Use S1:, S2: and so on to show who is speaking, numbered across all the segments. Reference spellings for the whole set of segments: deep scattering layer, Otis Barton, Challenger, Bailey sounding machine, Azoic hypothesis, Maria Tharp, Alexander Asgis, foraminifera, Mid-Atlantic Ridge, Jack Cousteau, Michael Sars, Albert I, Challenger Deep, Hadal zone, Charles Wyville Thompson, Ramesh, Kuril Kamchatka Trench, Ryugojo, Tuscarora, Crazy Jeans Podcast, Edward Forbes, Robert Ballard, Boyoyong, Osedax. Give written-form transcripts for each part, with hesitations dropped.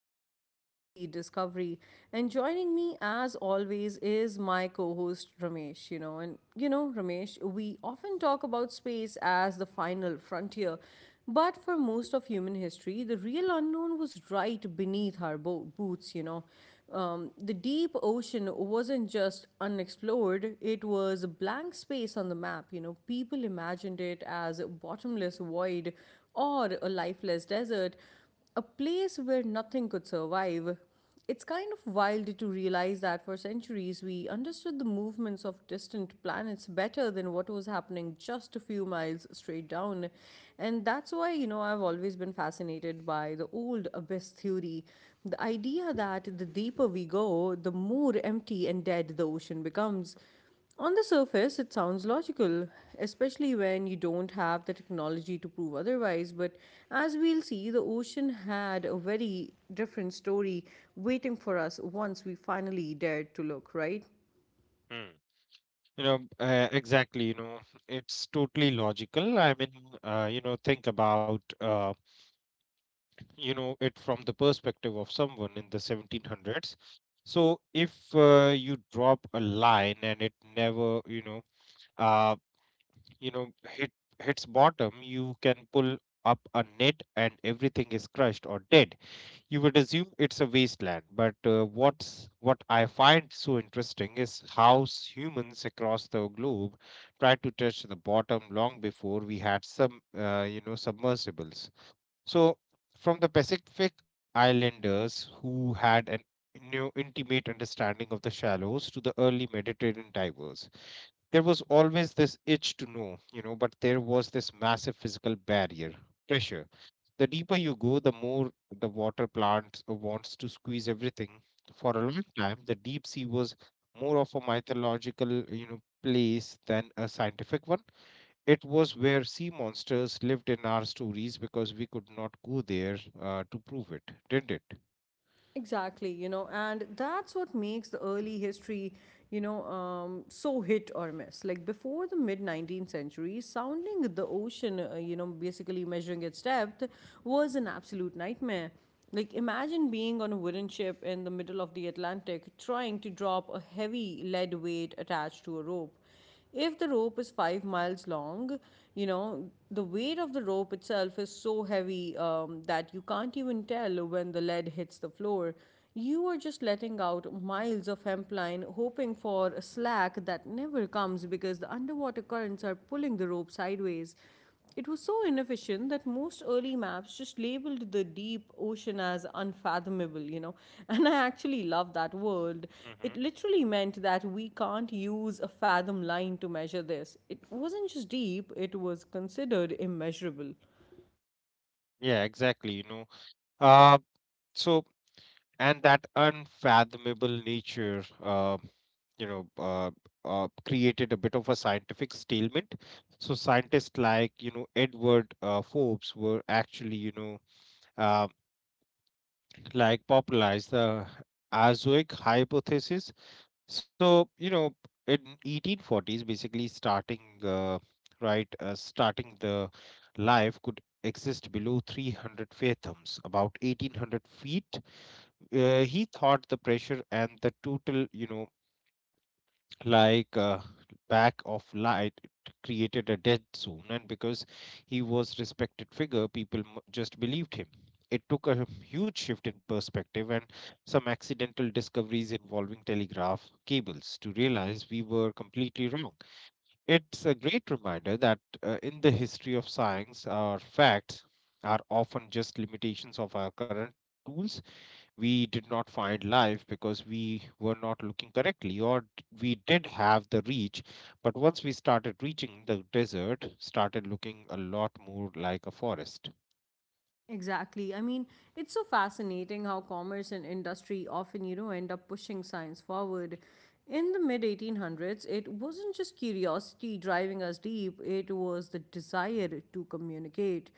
S1: history of deep sea discovery, and joining me as always is my co host Ramesh. Ramesh, we often talk about space as the final frontier, but for most of human history, the real unknown was right beneath our boots. The deep ocean wasn't just unexplored, it was a blank space on the map. People imagined it as a bottomless void or a lifeless desert, a place where nothing could survive. It's kind of wild to realize that for centuries we understood the movements of distant planets better than what was happening just a few miles straight down. And that's why, I've always been fascinated by the old abyss theory. The idea that the deeper we go, the more empty and dead the ocean becomes. On the surface, it sounds logical, especially when you don't have the technology to prove otherwise. But as we'll see, the ocean had a very different story waiting for us once we finally dared to look, right?
S2: Mm. Exactly. It's totally logical. Think about, it from the perspective of someone in the 1700s. So if you drop a line and it never, uh, you know, hit hits bottom, you can pull up a net and everything is crushed or dead. You would assume it's a wasteland, but what's what I find so interesting is how humans across the globe tried to touch the bottom long before we had some submersibles. So from the pacific islanders who had an new intimate understanding of the shallows to the early mediterranean divers, there was always this itch to know, you know, but there was this massive physical barrier. Pressure. The deeper you go, the more the water plant wants to squeeze everything. For a long time, the deep sea was more of a mythological, you know, place than a scientific one. It was where sea monsters lived in our stories because we could not go there, to prove it, did it?
S1: Exactly, and that's what makes the early history, so hit or miss. Like before the mid 19th century, sounding the ocean, basically measuring its depth, was an absolute nightmare. Like imagine being on a wooden ship in the middle of the Atlantic, trying to drop a heavy lead weight attached to a rope. If the rope is 5 miles long, the weight of the rope itself is so heavy that you can't even tell when the lead hits the floor. You are just letting out miles of hemp line, hoping for a slack that never comes because the underwater currents are pulling the rope sideways. It was so inefficient that most early maps just labeled the deep ocean as unfathomable. And I actually love that word.
S2: Hmm.
S1: It literally meant that we can't use a fathom line to measure this. It wasn't just deep, it was considered immeasurable.
S2: Yeah, exactly. Uh, so and that unfathomable nature, you know uh, created a bit of a scientific stalemate. So scientists like, you know, edward, forbes were actually, uh, popularized the azoic hypothesis. So, you know, in 1840s, basically starting the life could exist below 300 fathoms, about 1800 feet. He thought the pressure and the total, like uh, back of light created a dead zone. And because he was respected figure, people just believed him. It took a huge shift in perspective and some accidental discoveries involving telegraph cables to realize we were completely wrong. It's a great reminder that, in the history of science, our facts are often just limitations of our current tools. We did not find live because we were not looking correctly, or we did have the reach. But once we started reaching, the desert started looking a lot more like a forest.
S1: Exactly. I mean, it's so fascinating how commerce and industry often, end up pushing science forward. In the mid 1800s, it wasn't just curiosity driving us deep, it was the desire to communicate.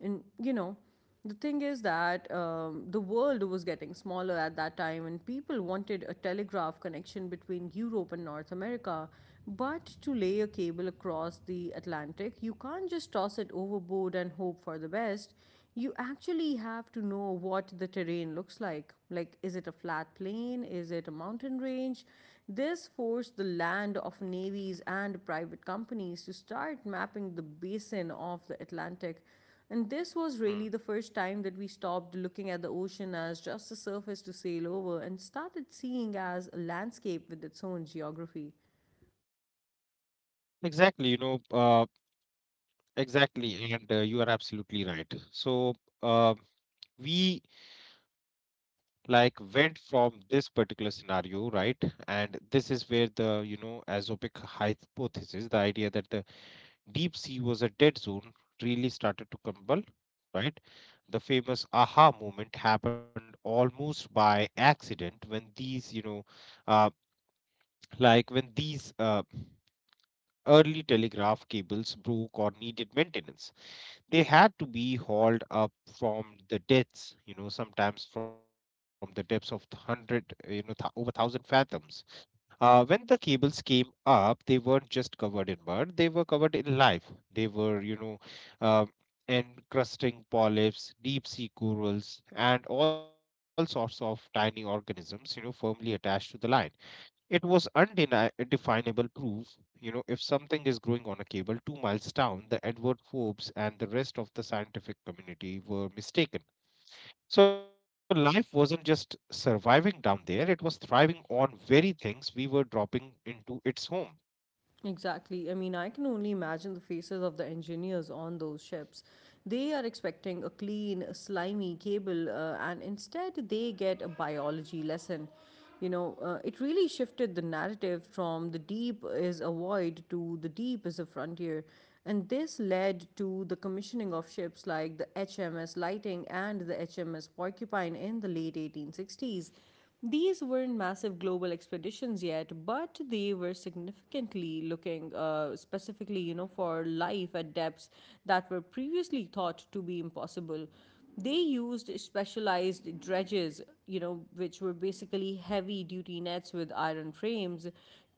S1: And, the thing is that the world was getting smaller at that time, and people wanted a telegraph connection between Europe and North America. But to lay a cable across the Atlantic, you can't just toss it overboard and hope for the best. You actually have to know what the terrain looks like. Like, is it a flat plain? Is it a mountain range? This forced the land of navies and private companies to start mapping the basin of the Atlantic, and this was really the
S2: Hmm.
S1: first time that we stopped looking at the ocean as just a surface to sail over and started seeing as a landscape with its own geography.
S2: Exactly, you know exactly and you are absolutely right. Uh, we went from this particular scenario, right? And this is where the, you know, azopic hypothesis, the idea that the deep sea was a dead zone, really started to crumble, right? The famous aha moment happened almost by accident when these, uh, like when these uh, early telegraph cables broke or needed maintenance. They had to be hauled up from the depths, you know, sometimes from the depths of 100, over 1,000 fathoms. When the cables came up, they weren't just covered in mud, they were covered in life. They were, uh, encrusting polyps, deep sea corals, and all sorts of tiny organisms, you know, firmly attached to the line. It was undefinable proof. You know, if something is growing on a cable 2 miles down, the Edward Forbes and the rest of the scientific community were mistaken. So life wasn't just surviving down there, it was thriving on very things we were dropping into its home.
S1: Exactly. I mean, I can only imagine the faces of the engineers on those ships. They are expecting a clean, slimy cable, and instead they get a biology lesson. It really shifted the narrative from the deep is a void to the deep is a frontier. And this led to the commissioning of ships like the HMS Lighting and the HMS Porcupine in the late 1860s. These weren't massive global expeditions yet, but they were significantly looking specifically, for life at depths that were previously thought to be impossible. They used specialized dredges, which were basically heavy duty nets with iron frames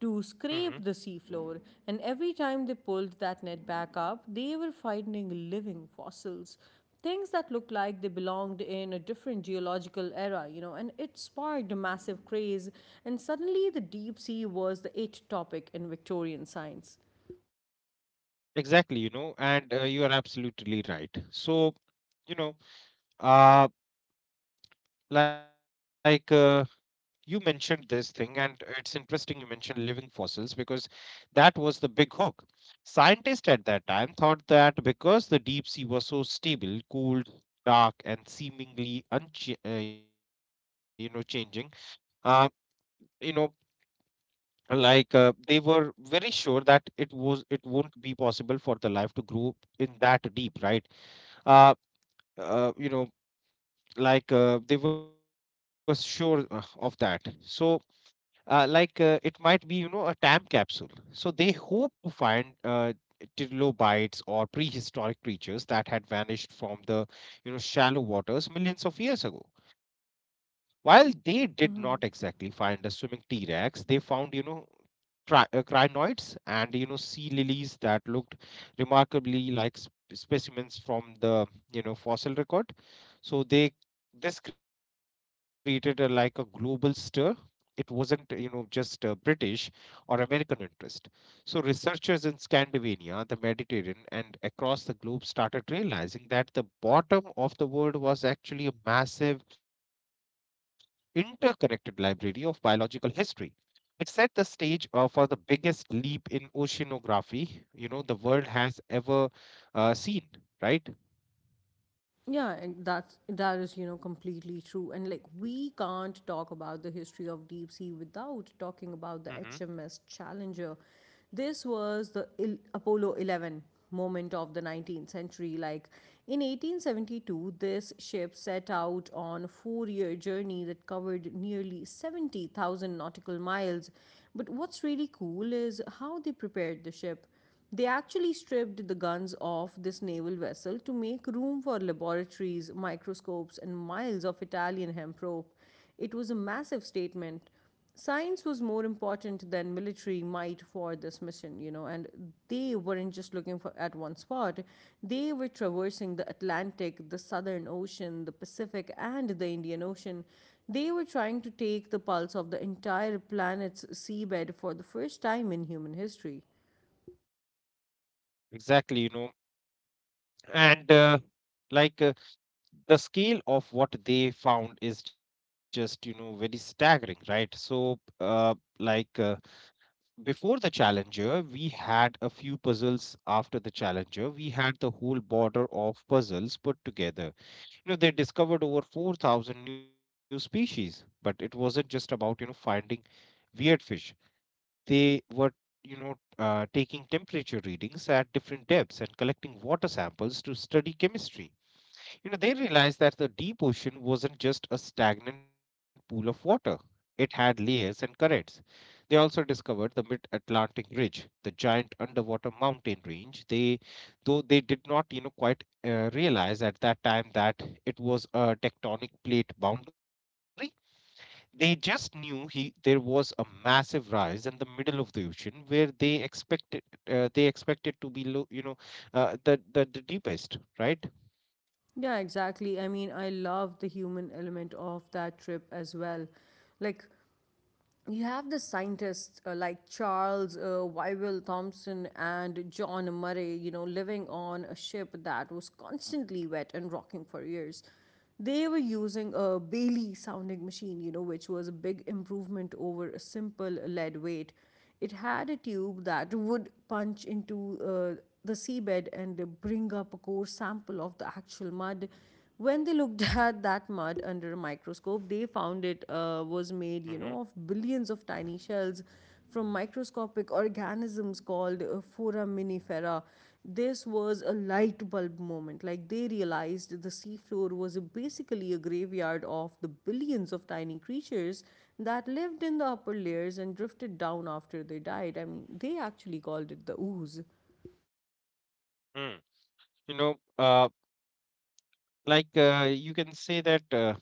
S1: to
S2: Hmm.
S1: scrape the seafloor. And every time they pulled that net back up, they were finding living fossils, things that looked like they belonged in a different geological era, and it sparked a massive craze. And suddenly, the deep sea was the it topic in Victorian science.
S2: Exactly, you know, and you are absolutely right. So, you know, uh, like uh, you mentioned this thing, and it's interesting you mentioned living fossils because that was the big hook. Scientists at that time thought that because the deep sea was so stable, cold, dark, and seemingly changing, uh, you know, they were very sure that it was it won't be possible for the life to grow in that deep, right? uh, uh you know they were sure, of that. It might be, you know, a time capsule. So they hope to find, trilobites or prehistoric creatures that had vanished from the, you know, shallow waters millions of years ago. While they did not exactly find a swimming t-rex, they found, you know, crinoids and, you know, sea lilies that looked remarkably like specimens from the, you know, fossil record. So they this created a like a global stir. It wasn't, you know just british or american interest. So researchers in scandinavia, the mediterranean, and across the globe started realizing that the bottom of the world was actually a massive interconnected library of biological history. It set the stage, for the biggest leap in oceanography, you know, the world has ever, seen, right?
S1: Yeah, and that is, completely true. And like we can't talk about the history of deep sea without talking
S2: Hmm.
S1: about the HMS Challenger. This was the Apollo 11 moment of the 19th century. Like in 1872, this ship set out on a 4-year journey that covered nearly 70,000 nautical miles. But what's really cool is how they prepared the ship. They actually stripped the guns off this naval vessel to make room for laboratories, microscopes, and miles of Italian hemp rope. It was a massive statement. Science was more important than military might for this mission, and they weren't just looking for at one spot. They were traversing the Atlantic, the Southern Ocean, the Pacific, and the Indian Ocean. They were trying to take the pulse of the entire planet's seabed for the first time in human history.
S2: Exactly, you know, and like the scale of what they found is just, you know, very staggering, right? Like uh, Before the challenger we had a few puzzles, after the challenger we had the whole border of puzzles put together. You know, they discovered over 4,000 new species, but it wasn't just about, you know, finding weird fish. They were, you know taking temperature readings at different depths and collecting water samples to study chemistry. You know, they realized that the deep ocean wasn't just a stagnant pool of water. It had layers and currents. They also discovered the mid-Atlantic Ridge, the giant underwater mountain range. Though they did not, you know, quite, realize at that time that it was a tectonic plate boundary. They just knew he there was a massive rise in the middle of the ocean where they expected, they expected to be low, you know, the deepest, right?
S1: Yeah, exactly. I mean, I love the human element of that trip as well. Like, you have the scientists like Charles Wyville Thompson and John Murray, living on a ship that was constantly wet and rocking for years. They were using a Bailey sounding machine, which was a big improvement over a simple lead weight. It had a tube that would punch into the seabed and bring up a core sample of the actual mud. When they looked at that mud under a microscope, they found it was
S2: Mm-hmm.
S1: made, of billions of tiny shells from microscopic organisms called foraminifera. This was a light bulb moment. Like they realized the seafloor was basically a graveyard of the billions of tiny creatures that lived in the upper layers and drifted down after they died. I mean, they actually called it the ooze.
S2: You know, uh, you can say that,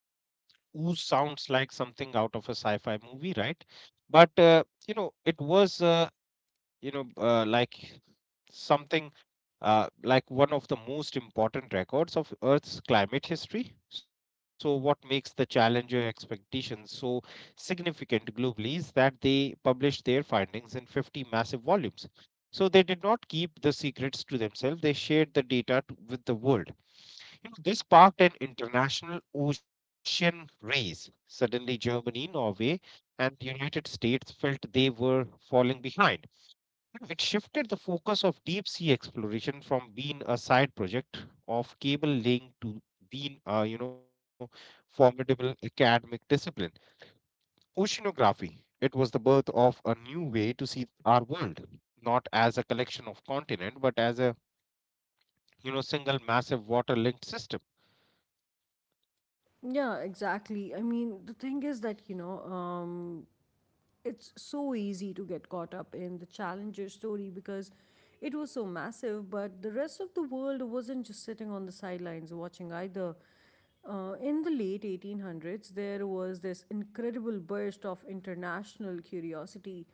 S2: ooze sounds like something out of a sci-fi movie, right? But, you know, it was you know like something like one of the most important records of Earth's climate history. So, what makes the Challenger expeditions so significant globally is that they published their findings in 50 massive volumes. So, they did not keep the secrets to themselves, they shared the data to, with the world. You know, this sparked an international ocean race. Suddenly, Germany, Norway, and the United States felt they were falling behind. You know, it shifted the focus of deep sea exploration from being a side project of cable laying to being a, you know, formidable academic discipline. Oceanography. It was the birth of a new way to see our world, not as a collection of continent, but as a, you know, single massive water-linked system.
S1: Yeah, exactly. I mean, the thing is that, it's so easy to get caught up in the Challenger story because it was so massive, but the rest of the world wasn't just sitting on the sidelines watching either. In the late 1800s, there was this incredible burst of international curiosity.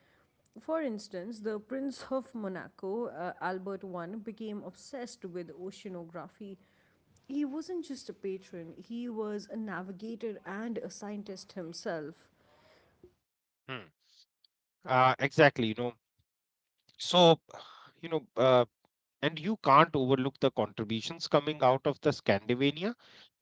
S1: For instance, the Prince of Monaco, Albert I, became obsessed with oceanography. He wasn't just a patron, he was a navigator and a scientist himself.
S2: Hmm. Exactly. So, you know, uh, and you can't overlook the contributions coming out of the Scandinavia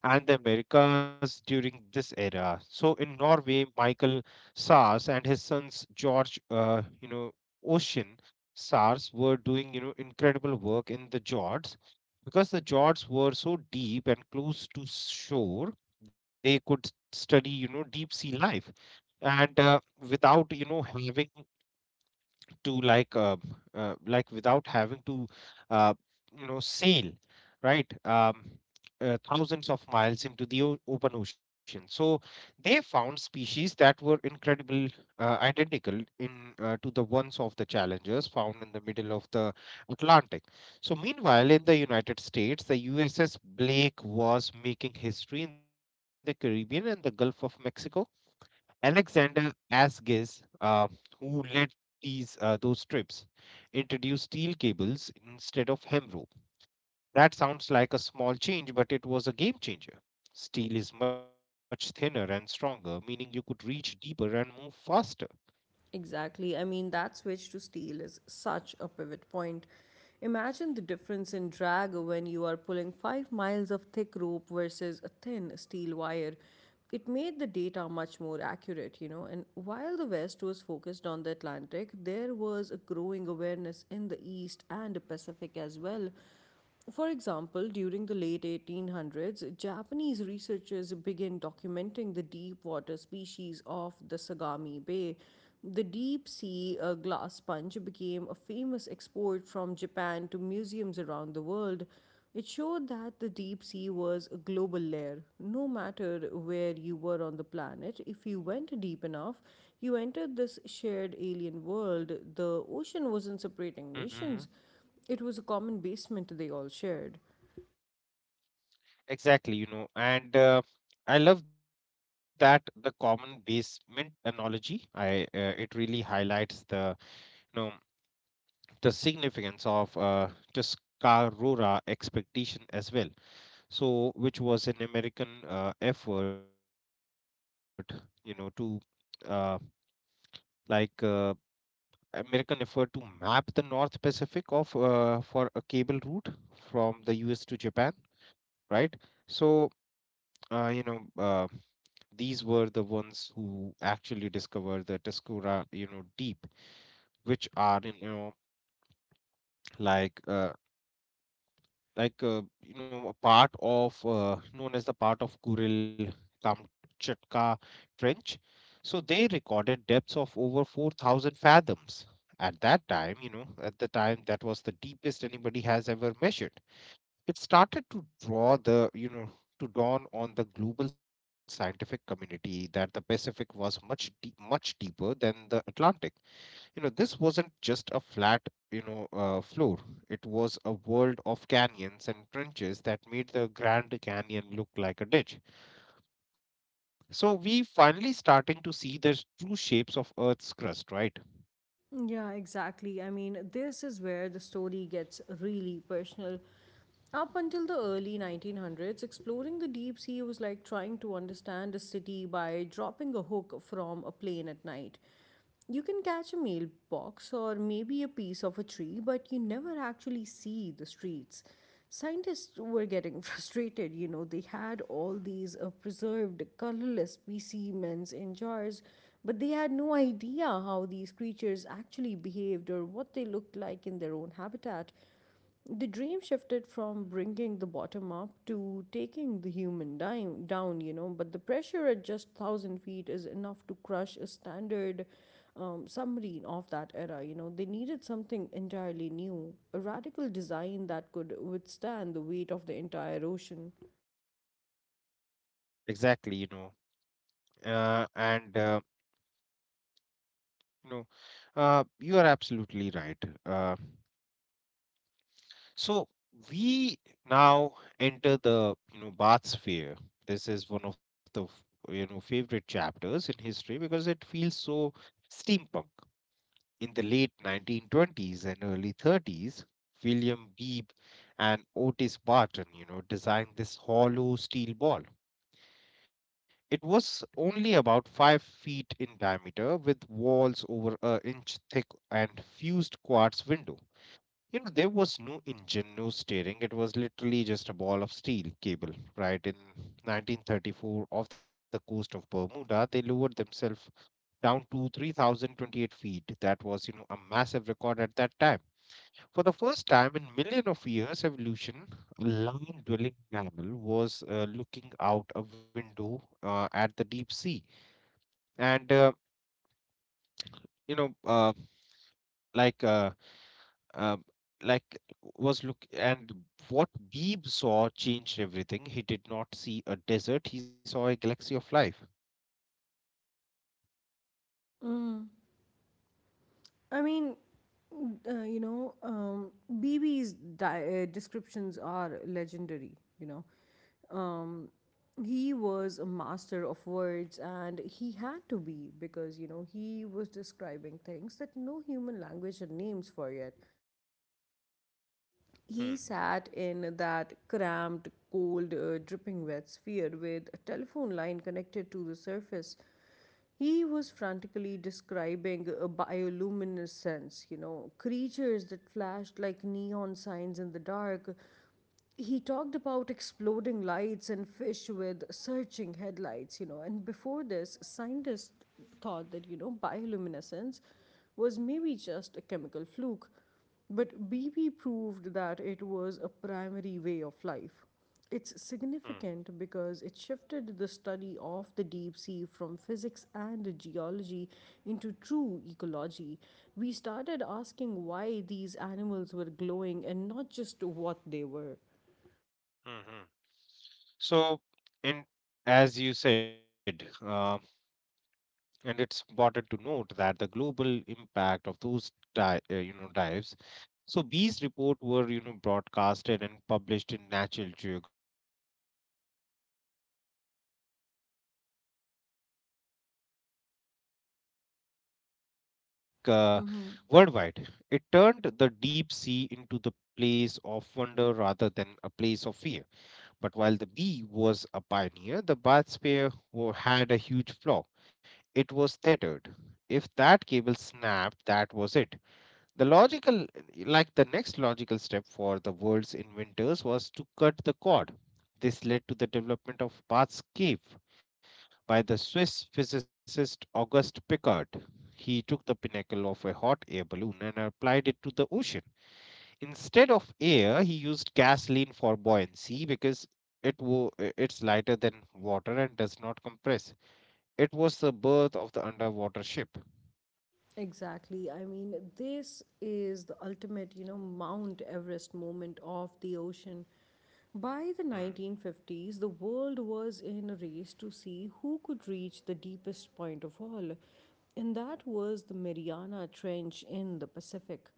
S2: and the Americas during this era. So, in Norway, Michael Sars and his sons George, Ocean Sars were doing, you know, incredible work in the Jords because the Jords were so deep and close to shore. They could study, you know, deep sea life and, without, you know, having to like without having to, uh, sail, right? Thousands of miles into the open ocean. So they found species that were incredible, identical in, to the ones of the challengers found in the middle of the atlantic. So meanwhile in the united states, the uss blake was making history in the caribbean and the gulf of mexico. Alexander Asgis, who led these those trips, introduced steel cables instead of hem rope. That sounds like a small change, but it was a game changer. Steel is much thinner and stronger, meaning you could reach deeper and move faster.
S1: Exactly. I mean, that switch to steel is such a pivot point. Imagine the difference in drag when you are pulling 5 miles of thick rope versus a thin steel wire. It made the data much more accurate. And while the West was focused on the Atlantic, there was a growing awareness in the East and the Pacific as well. For example, during the late 1800s, Japanese researchers began documenting the deep water species of the Sagami Bay. The deep sea glass sponge became a famous export from Japan to museums around the world. It showed that the deep sea was a global layer. No matter where you were on the planet, if you went deep enough, you entered this shared alien world. The ocean wasn't separating
S2: Mm-hmm.
S1: nations, it was a common basement they all shared.
S2: Exactly, you know, and i love that the common basement analogy. I It really highlights the, you know, the significance of, Tuscarora expectation as well. So which was an american, effort, you know to uh, like american effort to map the north pacific of, for a cable route from the us to japan, right? so uh, you know uh, these were the ones who actually discovered the tuscarora, you know, deep, which are, like uh, a part of, known as the part of Kuril Kamchatka Trench. So they recorded depths of over 4,000 fathoms. At that time, you know, at the time that was the deepest anybody has ever measured. It started to draw the, you know, to dawn on the global scientific community that the Pacific was much deeper than the Atlantic. This wasn't just a flat floor. It was a world of canyons and trenches that made the Grand Canyon look like a ditch. So we finally starting to see the true shapes of Earth's crust, right?
S1: Yeah, exactly. I mean, this is where the story gets really personal. Up until the early 1900s, exploring the deep sea was like trying to understand a city by dropping a hook from a plane at night. You can catch a mailbox or maybe a piece of a tree, but you never actually see the streets. Scientists were getting frustrated. They had all these preserved, colorless specimens in jars, but they had no idea how these creatures actually behaved or what they looked like in their own habitat. The dream shifted from bringing the bottom up to taking the human dime down, but the pressure at just 1,000 feet is enough to crush a standard submarine of that era. They needed something entirely new, a radical design that could withstand the weight of the entire ocean.
S2: Exactly. And you know you are absolutely right. So we now enter the bath sphere. This is one of the favorite chapters in history because it feels so steampunk. In the late 1920s and early 30s, William Beebe and Otis Barton, you know, designed this hollow steel ball. It was only about 5 feet in diameter, with walls over an inch thick and fused quartz window. There was no engine, no steering. It was literally just a ball of steel cable, right? In 1934, off the coast of Bermuda, they lowered themselves down to 3,028 feet. That was a massive record at that time. For the first time in million of years evolution, a land dwelling mammal was looking out a window at the deep sea. And you know like uh, uh, like was look and What Beebe saw changed everything. He did not see a desert, he saw a galaxy of life.
S1: Mm. I mean, BB's descriptions are legendary, Um, he was a master of words and he had to be because, he was describing things that no human language had names for yet.
S2: Hmm,
S1: He sat in that cramped, cold, dripping wet sphere with a telephone line connected to the surface. He was frantically describing a bioluminescence, creatures that flashed like neon signs in the dark. He talked about exploding lights and fish with searching headlights. And before this, scientists thought that, bioluminescence was maybe just a chemical fluke. But BB proved that it was a primary way of life. It's
S2: hmm,
S1: significant because it shifted the study of the deep sea from physics and geology into true ecology. We started asking why these animals were glowing and not just what they were.
S2: hmm, hmm. So, in as you said, and it's important to note that the global impact of those dives. So these reports were broadcasted and published in Natural Geographic, reaching r- uh, you know regional millions of people, right? So, uh, like uh,
S1: Mm-hmm.
S2: worldwide, it turned the deep sea into the place of wonder rather than a place of fear. But while the bee was a pioneer, the bathysphere had a huge flaw. It was tethered. If that cable snapped, that was it. The logical, the next logical step for the world's inventors was to cut the cord. This led to the development of Bart's cave by the Swiss physicist Auguste Piccard. He took the pinnacle of a hot air balloon and applied it to the ocean. Instead of air, he used gasoline for buoyancy because it wo- it's lighter than water and does not compress. It was the birth of the underwater ship.
S1: Exactly. I mean, this is the ultimate, you know, Mount Everest moment of the ocean. By the
S2: Hmm.
S1: 1950s, the world was in a race to see who could reach the deepest point of all, and that was the Mariana Trench in the Pacific.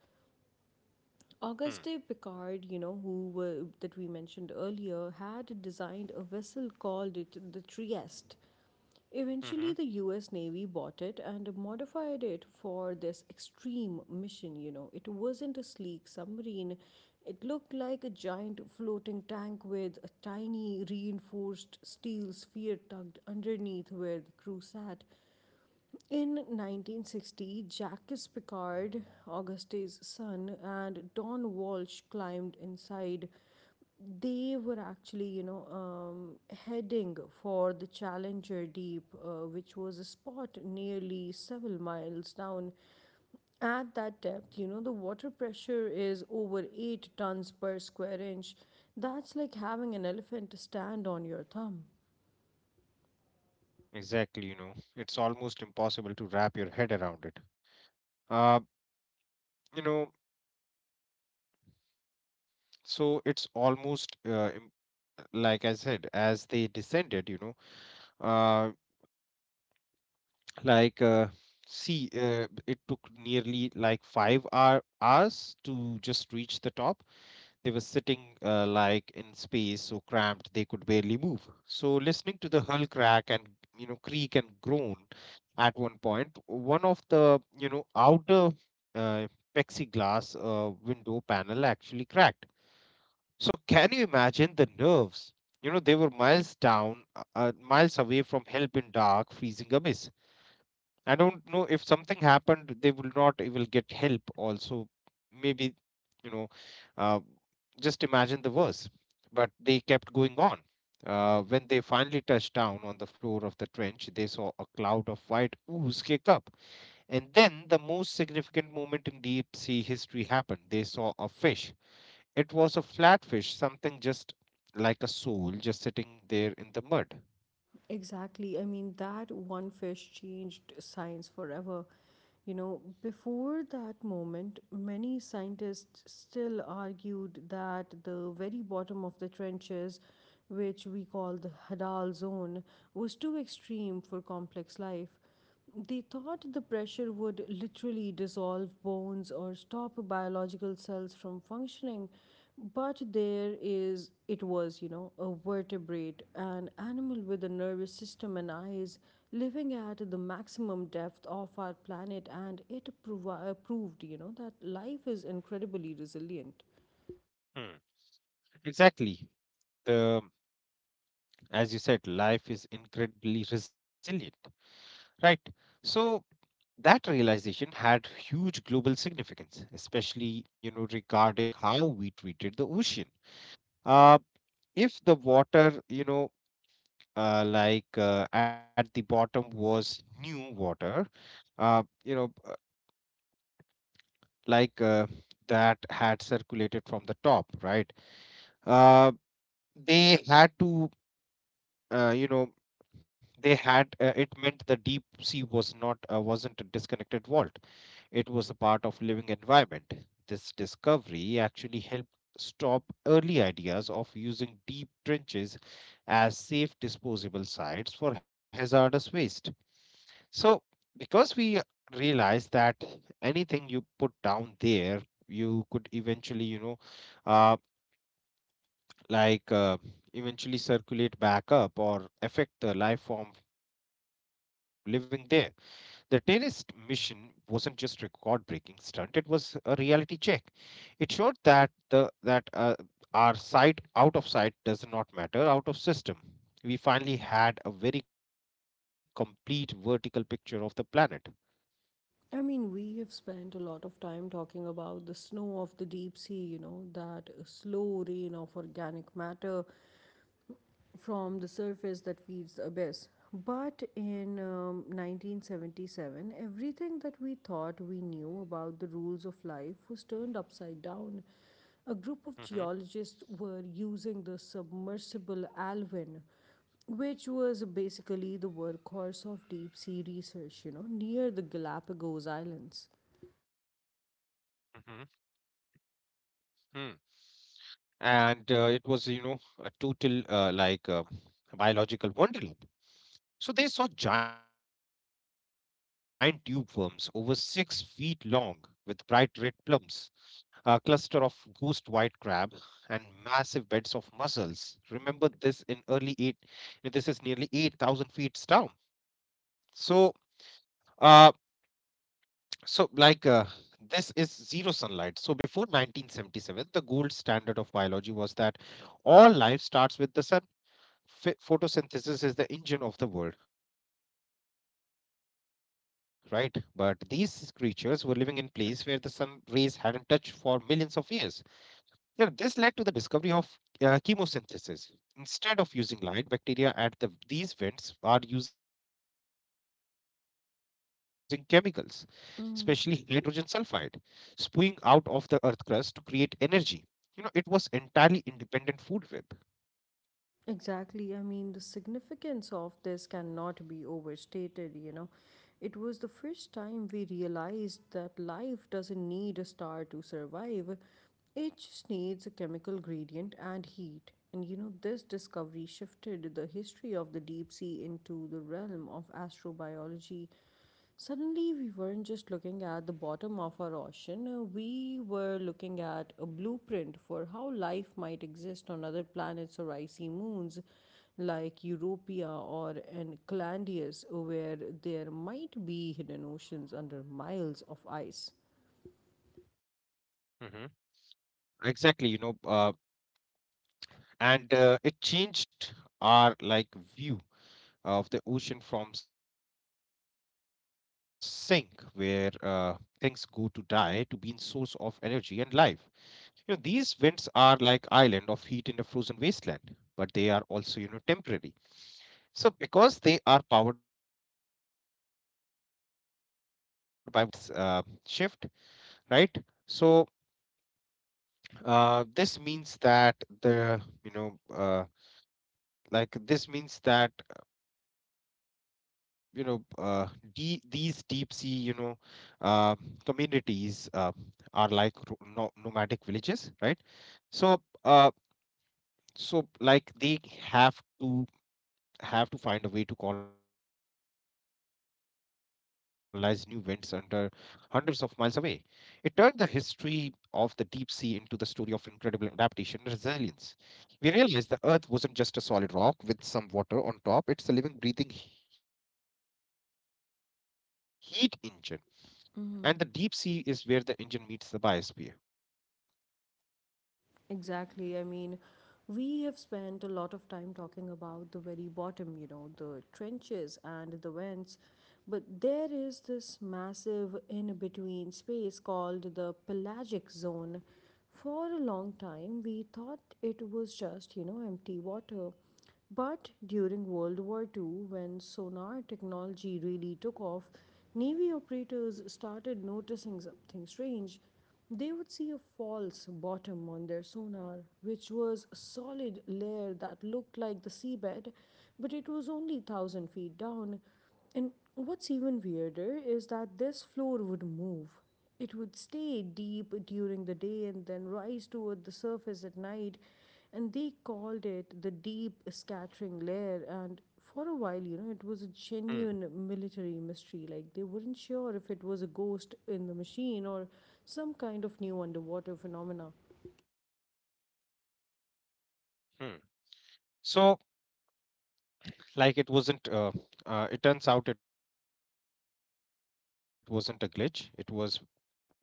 S2: Hmm.
S1: Auguste Picard, you know, that we mentioned earlier, had designed a vessel called it the Trieste. Eventually,
S2: Mm-hmm.
S1: the US Navy bought it and modified it for this extreme mission. You know, it wasn't a sleek submarine, it looked like a giant floating tank with a tiny reinforced steel sphere tucked underneath where the crew sat. In 1960, Jacques Picard, Auguste's son, and Don Walsh climbed inside. They were actually, you know, heading for the Challenger Deep, which was a spot nearly several miles down. At that depth, you know, the water pressure is over 8 tons per square inch. That's like having an elephant stand on your thumb.
S2: Exactly, it's almost impossible to wrap your head around it. Uh, you know, so it's almost like I said, as they descended, uh, like uh, it took nearly like five hours to just reach the top. They were sitting like in space, so cramped they could barely move. So, listening to the hull crack and creak and groan, at one point, one of the outer uh, plexiglass window panel actually cracked. So, can you imagine the nerves? They were miles down, miles away from help in dark freezing abyss. I don't know, if something happened they will not even get help also. Maybe, you know uh, just imagine the worst. But they kept going on. When they finally touched down on the floor of the trench, they saw a cloud of white ooze kick up and then the most significant moment in deep sea history happened. They saw a fish. It was a flatfish, something just like a soul, just sitting there in the mud.
S1: Exactly. I mean, that one fish changed science forever. You know, before that moment, many scientists still argued that the very bottom of the trenches, which we call the Hadal zone, was too extreme for complex life. They thought the pressure would literally dissolve bones or stop biological cells from functioning, but it was, you know, a vertebrate, an animal with a nervous system and eyes, living at the maximum depth of our planet, and it proved, you know, that life is incredibly resilient.
S2: Hmm. Exactly. The As you said, life is incredibly resilient, right? So that realization had huge global significance, especially regarding how we treated the ocean. Uh, if the water at the bottom was new water, uh, you know, uh, like uh, that had circulated from the top, right? Uh, they had to, you know, they had It meant the deep sea wasn't a disconnected vault. It was a part of living environment. This discovery actually helped stop early ideas of using deep trenches as safe disposable sites for hazardous waste. So, because we realized that anything you put down there, you could eventually, uh, like uh, circulate back up or affect the life form living there. The terrorist mission wasn't just record-breaking stunt; it was a reality check. It showed that the that our sight out of sight does not matter, out of system. We finally had a very complete vertical picture of the planet.
S1: I mean, we have spent a lot of time talking about the snow of the deep sea, you know, that slow rain of organic matter from the surface that feeds the abyss. But in 1977, everything that we thought we knew about the rules of life was turned upside down. A group of geologists were using the submersible Alvin, which was basically the workhorse of deep sea research, you know, near the Galapagos
S2: Mhm.
S1: Islands.
S2: Hmm. And it was, a total biological wonderland. So they saw giant tube worms over 6 feet long with bright red plums, a cluster of ghost white crab, and massive beds of mussels. Remember, this in early eight, you know, this is nearly 8,000 feet down. So, uh, So, this is zero sunlight. So, before 1977, the gold standard of biology was that all life starts with the sun. Photosynthesis is the engine of the world, right? But these creatures were living in place where the sun rays hadn't touched for millions of years. Yeah, this led to the discovery of chemosynthesis. Instead of using light, bacteria at these vents are using chemicals, especially hydrogen sulfide,
S1: Mm.
S2: spewing out of the earth crust to create energy. It was entirely independent food web.
S1: Exactly. I mean, the significance of this cannot be overstated, you know. It was the first time we realized that life doesn't need a star to survive, it just needs a chemical gradient and heat. And you know, this discovery shifted the history of the deep sea into the realm of astrobiology. Suddenly, we weren't just looking at the bottom of our ocean, we were looking at a blueprint for how life might exist on other planets or icy moons like Europia or Enceladus, where there might be hidden oceans under miles of ice.
S2: Hmm. Exactly, and it changed our like view of the ocean from sink where things go to die to being source of energy and life. These vents are like island of heat in a frozen wasteland, but they are also temporary. So because they are powered by volcanic activity, a vent can turn off in the tectonic plates shift, right? So, this means that the, this means that you know uh, these deep sea uh, communities are like nomadic villages, right? So, uh, they have to find a way to colonize new winds under hundreds of miles away. It turned the history of the deep sea into the story of incredible adaptation and resilience. We realized the Earth wasn't just a solid rock with some water on top. It's a living, breathing heat engine, and the deep sea is where the engine meets the biosphere.
S1: Exactly, I mean, we have spent a lot of time talking about the very bottom, you know, the trenches and the vents. But there is this massive in between space called the pelagic zone. For a long time, we thought it was just, you know, empty water. But during World War Two, when sonar technology really took off, Navy operators started noticing something strange. They would see a false bottom on their sonar, which was a solid layer that looked like the seabed, but it was only 1,000 feet down. And what's even weirder is that this floor would move. It would stay deep during the day and then rise toward the surface at night. And they called it the deep scattering layer. And for a while, you know, it was a genuine
S2: Hmm.
S1: military mystery. Like they weren't sure if it was a ghost in the machine or some kind of new underwater phenomena.
S2: Hmm. so like it wasn't uh, it turns out it wasn't a glitch, it was life.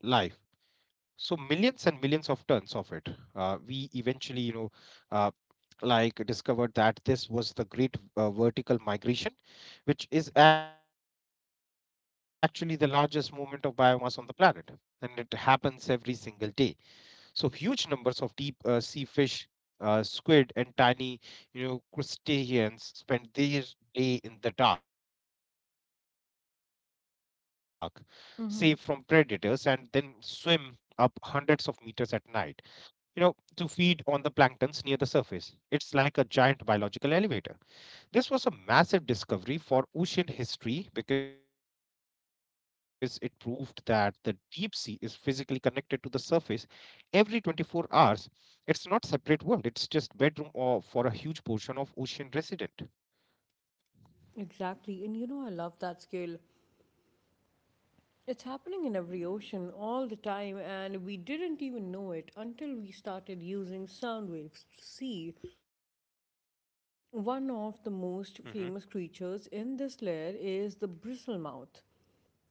S2: So millions and millions of tons of it. We eventually uh, discovered that this was the great vertical migration, which is actually the largest movement of biomass on the planet, and it happens every single day. So huge numbers of deep sea fish, squid, and tiny crustaceans spend their day in the dark, safe from predators, and then swim
S1: Mm-hmm.
S2: up hundreds of meters at night, you know, to feed on the planktons near the surface. It's like a giant biological elevator. This was a massive discovery for ocean history because it proved that the deep sea is physically connected to the surface every 24 hours. It's not separate world, it's just bedroom or for a huge portion of ocean resident.
S1: Exactly. And you know, I love that scale. It's happening in every ocean all the time, and we didn't even know it until we started using sound waves to see. One of the
S2: Mm-hmm.
S1: most famous creatures in this layer is the bristlemouth.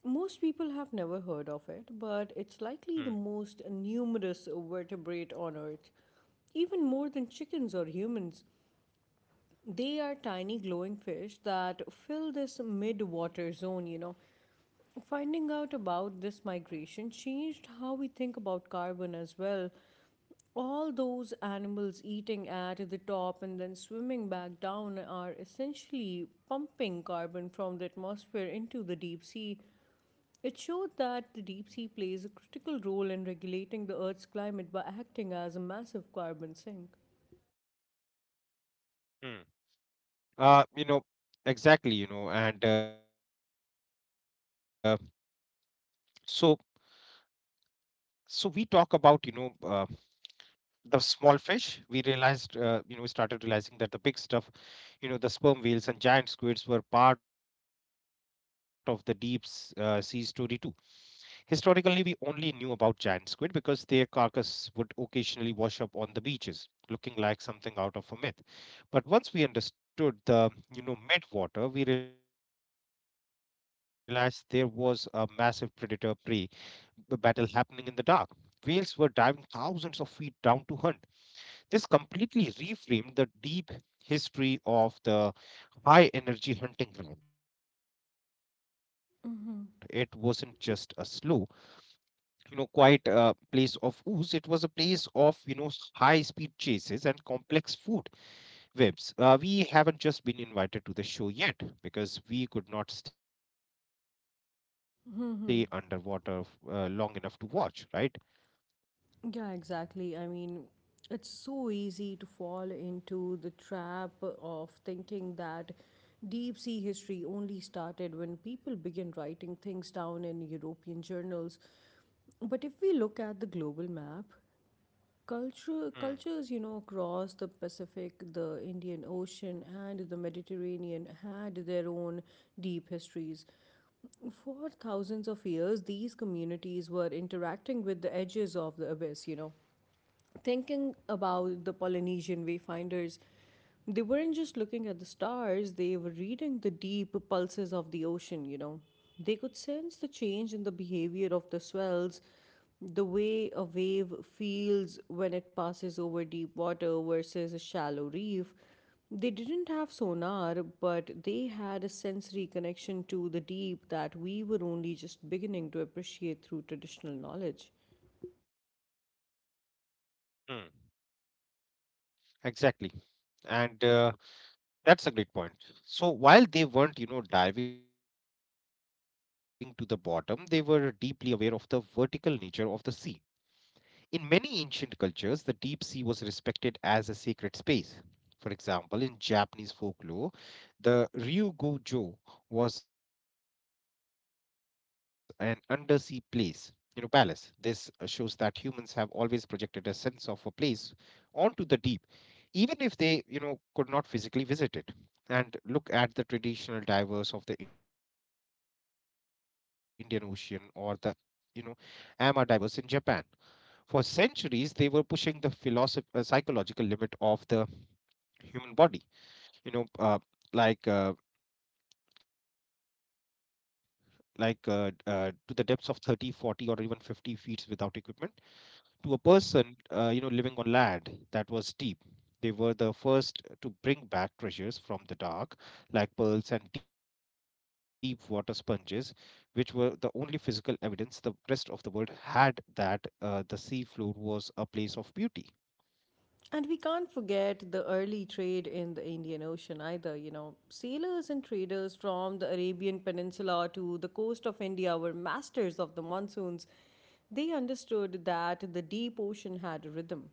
S1: Most people have never heard
S2: Mm,
S1: of it, but it's likely the most numerous vertebrate on Earth. Even more than chickens or humans, they are tiny glowing fish that fill this mid water zone, you know. Finding out about this migration changed how we think about carbon as well. All those animals eating at the top and then swimming back down are essentially pumping carbon from the atmosphere into the deep sea. It showed that the deep sea plays a critical role in regulating the Earth's climate by acting as a massive carbon sink.
S2: mm. Uh, you know, exactly, and so so we talk about, the small fish. We realized uh, you know we started realizing that the big stuff, the sperm whales and giant squids, were part of the deep sea story too. Historically we only knew about giant squid because their carcass would occasionally wash up on the beaches, looking like something out of a myth. But once we understood the mid water, we realized there was a massive predator prey the battle happening in the dark. Whales were diving thousands of feet down to hunt. This completely reframed the deep history of the high energy hunting ground. It wasn't just a slow quiet place of ooze. It was a place of high speed chases and complex food webs. We haven't just been invited to the show yet because we could not stay underwater long enough to watch, right?
S1: Yeah, exactly. I mean, it's so easy to fall into the trap of thinking that deep sea history only started when people began writing things down in European journals. But if we look at the global map, cultures, you
S2: Hmm.
S1: know, across the Pacific, the Indian Ocean, and the Mediterranean had their own deep histories. For thousands of years, these communities were interacting with the edges of the abyss, you know, thinking about the Polynesian wayfinders, they weren't just looking at the stars, they were reading the deep pulses of the ocean, you know. They could sense the change in the behavior of the swells, the way a wave feels when it passes over deep water versus a shallow reef. They didn't have sonar, but they had a sensory connection to the deep that we were only just beginning to appreciate through traditional knowledge.
S2: Mm. Exactly. And that's a great point. So while they weren't diving to the bottom, they were deeply aware of the vertical nature of the sea. In many ancient cultures, the deep sea was respected as a sacred space. For example, in Japanese folklore, the Ryugojo was an undersea place, you know, palace. This shows that humans have always projected a sense of a place onto the deep, even if they could not physically visit it. And look at the traditional divers of the Indian Ocean or the, you know, ama divers in Japan. For centuries, they were pushing the psychological limit of the human body you know uh, like uh, to the depths of 30, 40, or even 50 feet without equipment. To a person, living on land that was deep. They were the first to bring back treasures from the dark, like pearls and deep water sponges, which were the only physical evidence the rest of the world had that the sea floor was a place of beauty.
S1: And we can't forget the early trade in the Indian Ocean either. You know, sailors and traders from the Arabian Peninsula to the coast of India were masters of the monsoons. They understood that the deep ocean had a rhythm.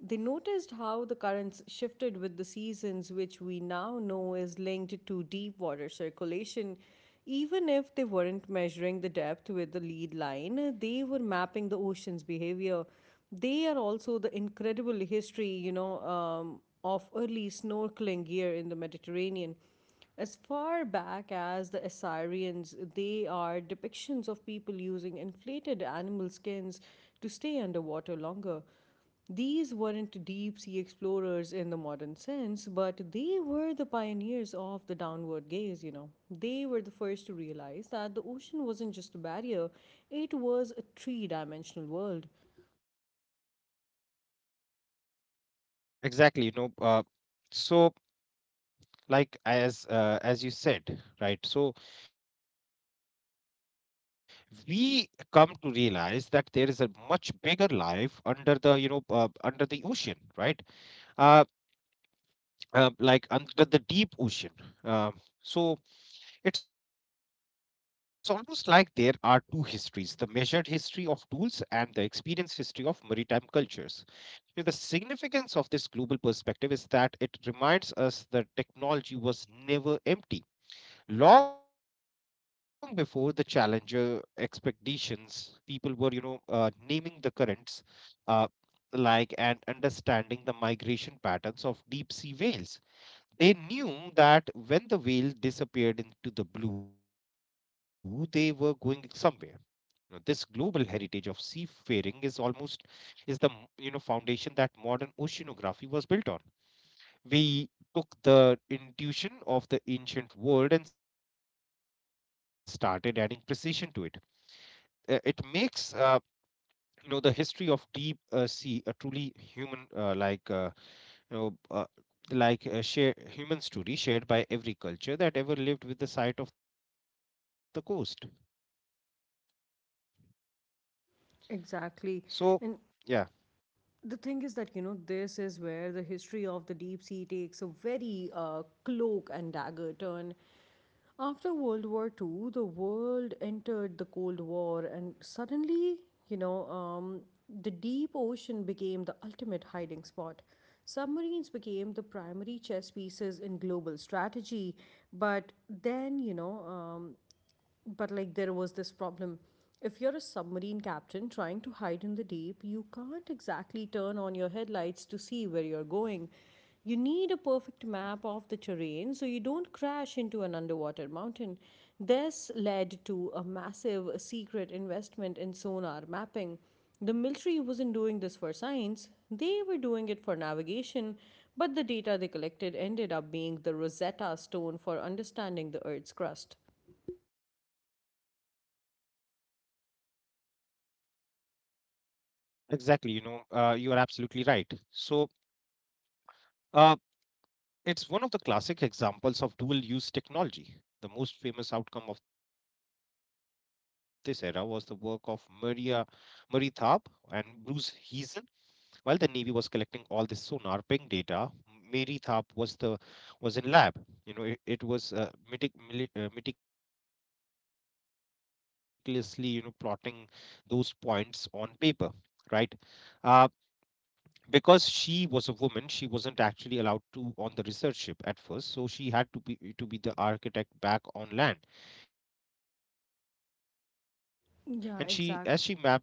S1: They noticed how the currents shifted with the seasons, which we now know is linked to deep water circulation. Even if they weren't measuring the depth with the lead line, they were mapping the ocean's behavior. They are also the incredible history, you know, of early snorkeling gear in the Mediterranean. As far back as the Assyrians, they are depictions of people using inflated animal skins to stay underwater longer. These weren't deep sea explorers in the modern sense, but they were the pioneers of the downward gaze, you know. They were the first to realize that the ocean wasn't just a barrier, it was a three dimensional world.
S2: Exactly. So, as you said, right? So we come to realize that there is a much bigger life under the under the ocean, right? uh, like under the deep ocean. Uh, so it's almost like there are two histories: the measured history of tools and the experience history of maritime cultures. You know, the significance of this global perspective is that it reminds us that technology was never empty. Long before the Challenger expeditions, people were, naming the currents, uh, like, and understanding the migration patterns of deep sea whales. They knew that when the whale disappeared into the blue, they were going somewhere. You know, this global heritage of seafaring is almost is the you know, foundation that modern oceanography was built on. We took the intuition of the ancient world and started adding precision to it. It makes, you know, the history of deep sea a truly human, you know uh, a human story shared by every culture that ever lived with the sight of the coast. So
S1: Exactly. And
S2: yeah,
S1: the thing is that, you know, this is where the history of the deep sea takes a very cloak and dagger turn. After World War Two, the world entered the Cold War, and suddenly, you know, the deep ocean became the ultimate hiding spot. Submarines became the primary chess pieces in global strategy. But then, you know, but like there was this problem. If you're a submarine captain trying to hide in the deep, you can't exactly turn on your headlights to see where you're going. You need a perfect map of the terrain so you don't crash into an underwater mountain. This led to a massive secret investment in sonar mapping. The military wasn't doing this for science, they were doing it for navigation. But the data they collected ended up being the Rosetta Stone for understanding the Earth's crust.
S2: exactly, you know, you are absolutely right. so uh, it's one of the classic examples of dual use technology. The most famous outcome of this era was the work of maria Marie Tharp and Bruce Heisen. While the Navy was collecting all this sonar ping data, Mary Tharp was the was in lab. You know, it was meticulously, you know, plotting those points on paper, right? Uh, because she was a woman, she wasn't actually allowed to on the research ship at first, so she had to be the architect back on land. And as she mapped the Atlantic, she noticed
S1: Yeah,
S2: something
S1: exact.
S2: revolutionary.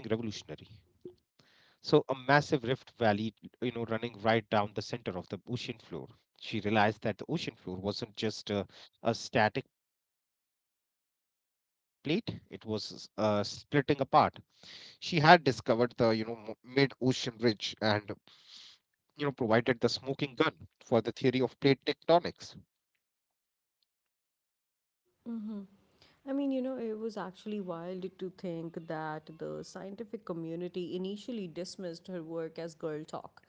S2: So a massive rift valley, you know, running right down the center of the ocean floor. She realized that the ocean floor wasn't a static plate, it was splitting apart. She had discovered the, you know, mid-ocean ridge and, you know, provided the smoking gun for the theory of plate tectonics.
S1: I mean, you know, it was actually wild to think that the scientific community initially dismissed her work as girl talk.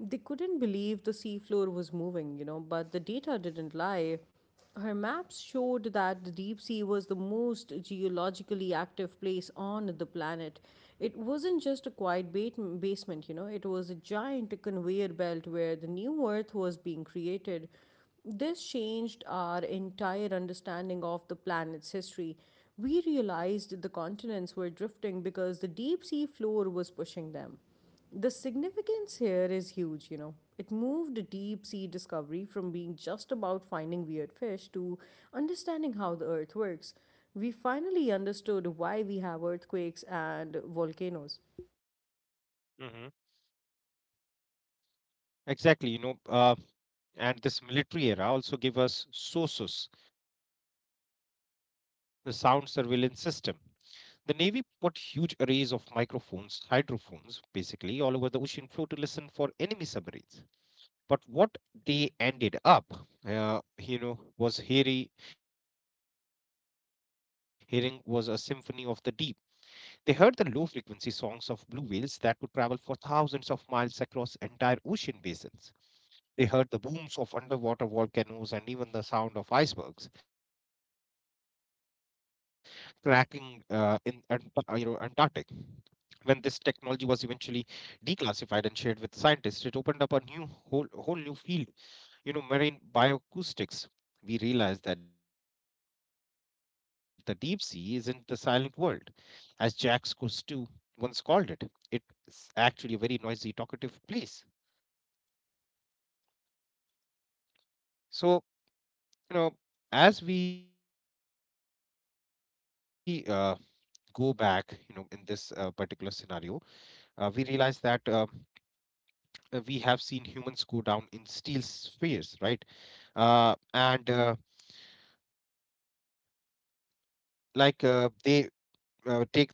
S1: They couldn't believe the seafloor was moving, you know, but the data didn't lie. Her maps showed that the deep sea was the most geologically active place on the planet. It wasn't just a quiet basement, you know, it was a giant conveyor belt where the new earth was being created. This changed our entire understanding of the planet's history. We realized the continents were drifting because the deep sea floor was pushing them. The significance here is huge, you know. It moved deep sea discovery from being just about finding weird fish to understanding how the earth works. We finally understood why we have earthquakes and volcanoes.
S2: Hmm. Exactly, you know, and this military era also gave us SOSUS, the sound surveillance system. The Navy put huge arrays of microphones, hydrophones, basically, all over the ocean floor to listen for enemy submarines. But what they ended up, uh, you know, was hearing, hearing was a symphony of the deep. They heard the low frequency songs of blue whales that could travel for thousands of miles across entire ocean basins. They heard the booms of underwater volcanoes and even the sound of icebergs cracking you know, Antarctic. When this technology was eventually declassified and shared with scientists, it opened up a new whole whole new field, you know, marine bioacoustics. We realized that the deep sea isn't the silent world, as Jack Cousteau once called it. It's actually a very noisy, talkative place. So you know, as we go back, you know, in this particular scenario, we realize that we have seen humans go down in steel spheres, right? Uh, and like They take the risk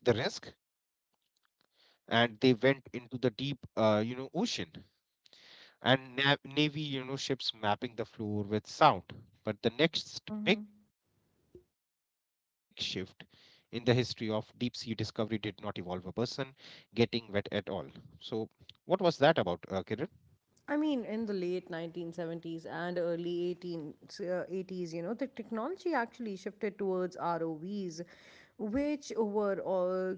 S2: and they went into the deep, you know, ocean, and navy, you know, ships mapping the floor with sound. But the next big shift in the history of deep sea discovery did not involve a person getting wet at all. So what was that about, Kiran?
S1: I mean, in the late 1970s and early 18s, 80s, you know, the technology actually shifted towards ROVs, which were all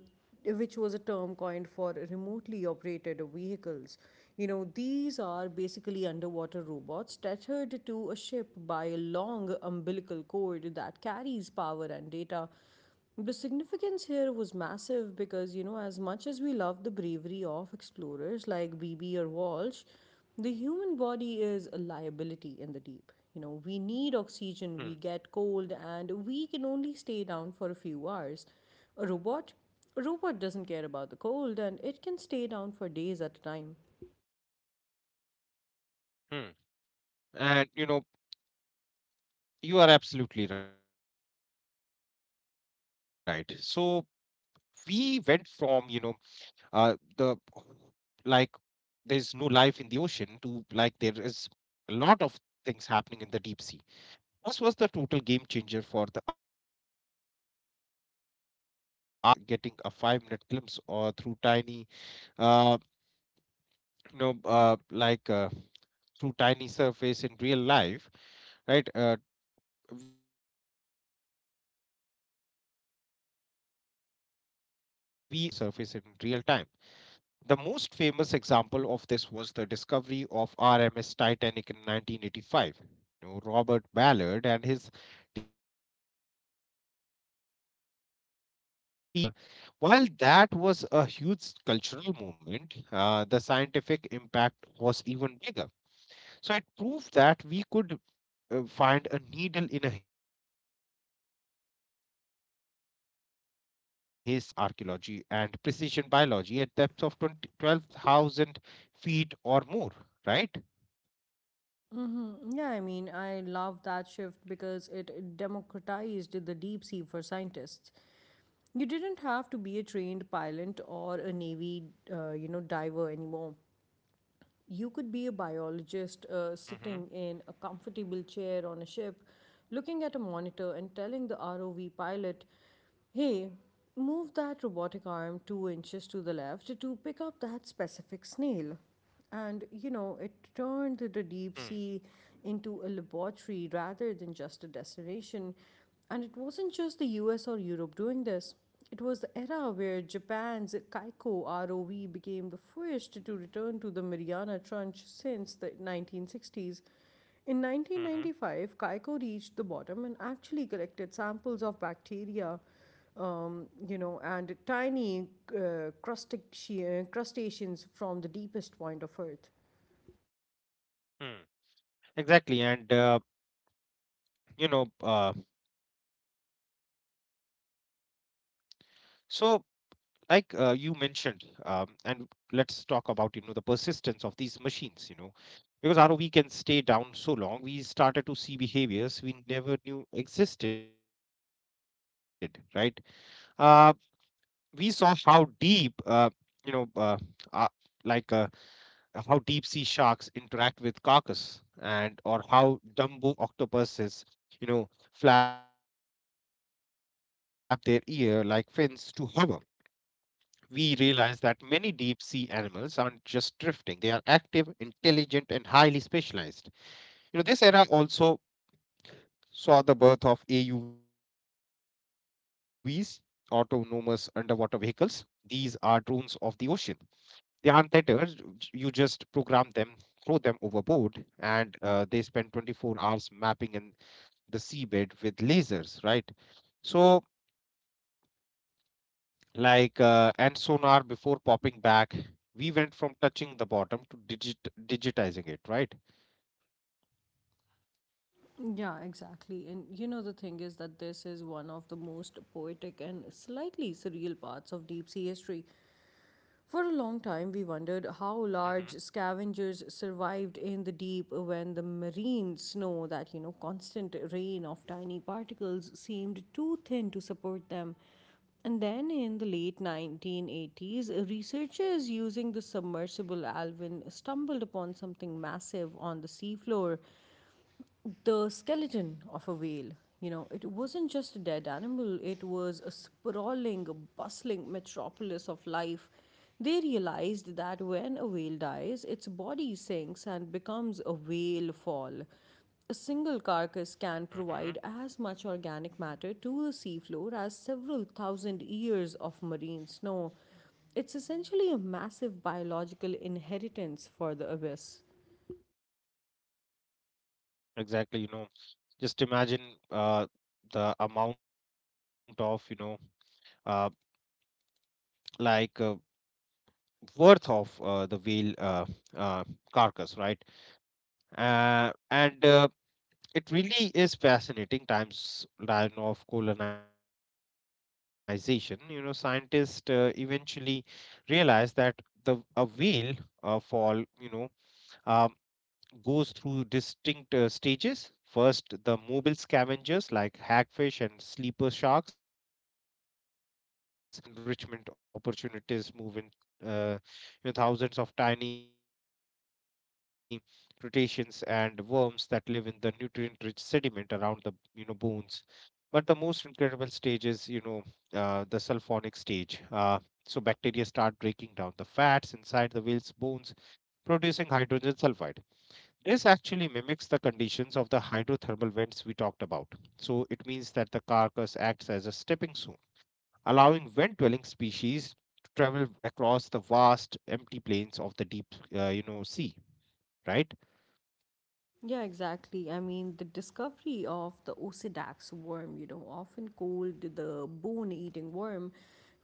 S1: which was a term coined for remotely operated vehicles. You know, these are basically underwater robots tethered to a ship by a long umbilical cord that carries power and data. The significance here was massive because, you know, as much as we love the bravery of explorers like Beebe or Walsh, the human body is a liability in the deep. You know, we need
S2: Hmm.
S1: oxygen, we get cold, and we can only stay down for a few hours. A robot? A robot doesn't care about the cold and it can stay down for days at a time.
S2: Hmm. And you know, you are absolutely right. So we went from, uh the like there's no life in the ocean to like there is a lot of things happening in the deep sea. This was the total game changer for the eyes on part of history. Suddenly we weren't, you know, just getting a 5 minute glimpse or through tiny, uh, you know, uh, like uh, through tiny surface in real life, right? We are getting high definition videos feed piped directly to the surface in real time. The most famous example of this was the discovery of RMS Titanic in 1985. You know, Robert Ballard and his team used the ROV Argo to find the wreck. You know, while that was a huge cultural moment, the scientific impact was even bigger. So it proved that we could find a needle in a haystack in the middle of the dark. We could now conduct precision archaeology and precision biology at depths of 2012 thousand feet or more, right?
S1: Yeah, I mean, I love that shift because it democratized the deep sea for scientists. You didn't have to be a trained pilot or a navy, you know, diver anymore. You could be a biologist sitting
S2: Mm-hmm.
S1: in a comfortable chair on a ship, looking at a monitor and telling the ROV pilot, "Hey, move that robotic arm 2 inches to the left to pick up that specific snail." And, you know, it turned the deep sea into a laboratory rather than just a destination. And it wasn't just the US or Europe doing this. It was the era where Japan's Kaiko ROV became the first to return to the Mariana Trench since the 1960s. In
S2: Mm-hmm.
S1: 1995, Kaiko reached the bottom and actually collected samples of bacteria and tiny crustaceans from the deepest point of Earth.
S2: Mm. Exactly. And, you know, uh, so you mentioned, and let's talk about, you know, the persistence of these machines, you know, because rov can stay down so long, we started to see behaviors we never knew existed, right? uh, we saw how deep you know uh, like how deep sea sharks interact with carcass, and or how dumbo octopuses, you know, flap their ear like fins to hover. We realize that many deep sea animals aren't just drifting. They are active, intelligent, and highly specialized. You know, this era also saw the birth of AUVs, autonomous underwater vehicles. These are drones of the ocean. They aren't theaters. You just program them, throw them overboard, and they spend 24 hours mapping in the seabed with lasers, right? So and sonar before popping back. We went from touching the bottom to digitizing it, right?
S1: Yeah, exactly. And you know, the thing is that this is one of the most poetic and slightly surreal parts of deep sea history. For a long time, we wondered how large
S2: Hmm.
S1: scavengers survived in the deep when the marine snow, that you know, constant rain of tiny particles seemed too thin to support them. And then in the late 1980s, researchers using the submersible Alvin stumbled upon something massive on the seafloor, the skeleton of a whale. You know, it wasn't just a dead animal, it was a sprawling, bustling metropolis of life. They realized that when a whale dies, its body sinks and becomes a whale fall. A single carcass can provide as
S2: Hmm.
S1: much organic matter to the seafloor as several thousand years of marine snow. It's essentially a massive biological inheritance for the abyss.
S2: Exactly, you know, just imagine uh, the amount of, uh, like uh, worth of the whale uh, carcass, right? And It really is fascinating times line of colonization. You know, scientists eventually realized that the a whale fall, you know, um, goes through distinct stages. First, the mobile scavengers like hagfish and sleeper sharks arrive and the, at the strip to the soft tissue. Then the enrichment opportunities move in, uh, you know, thousands of tiny crustaceans and worms that live in the nutrient-rich sediment around the, you know, bones. But the most incredible stage is, you know, the sulfonic stage. So bacteria start breaking down the fats inside the whale's bones, producing hydrogen sulfide. This actually mimics the conditions of the hydrothermal vents we talked about. So it means that the carcass acts as a stepping stone, allowing vent dwelling species to travel across the vast empty plains of the deep, you know, sea, right?
S1: Yeah, exactly. I mean, the discovery of the Osedax worm, you know, often called the bone eating worm,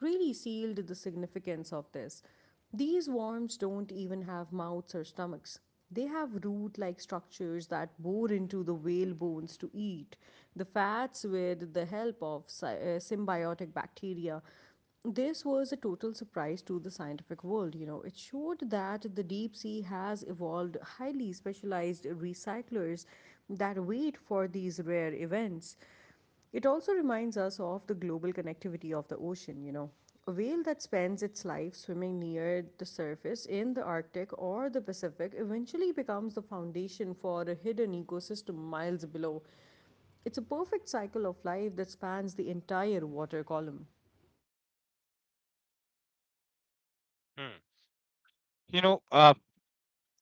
S1: really sealed the significance of this. These worms don't even have mouths or stomachs. They have root like structures that bore into the whale bones to eat the fats with the help of symbiotic bacteria. This was a total surprise to the scientific world. You know, it showed that the deep sea has evolved highly specialized recyclers that wait for these rare events. It also reminds us of the global connectivity of the ocean, you know. A whale that spends its life swimming near the surface in the Arctic or the Pacific eventually becomes the foundation for a hidden ecosystem miles below. It's a perfect cycle of life that spans the entire water column.
S2: Hmm. You know,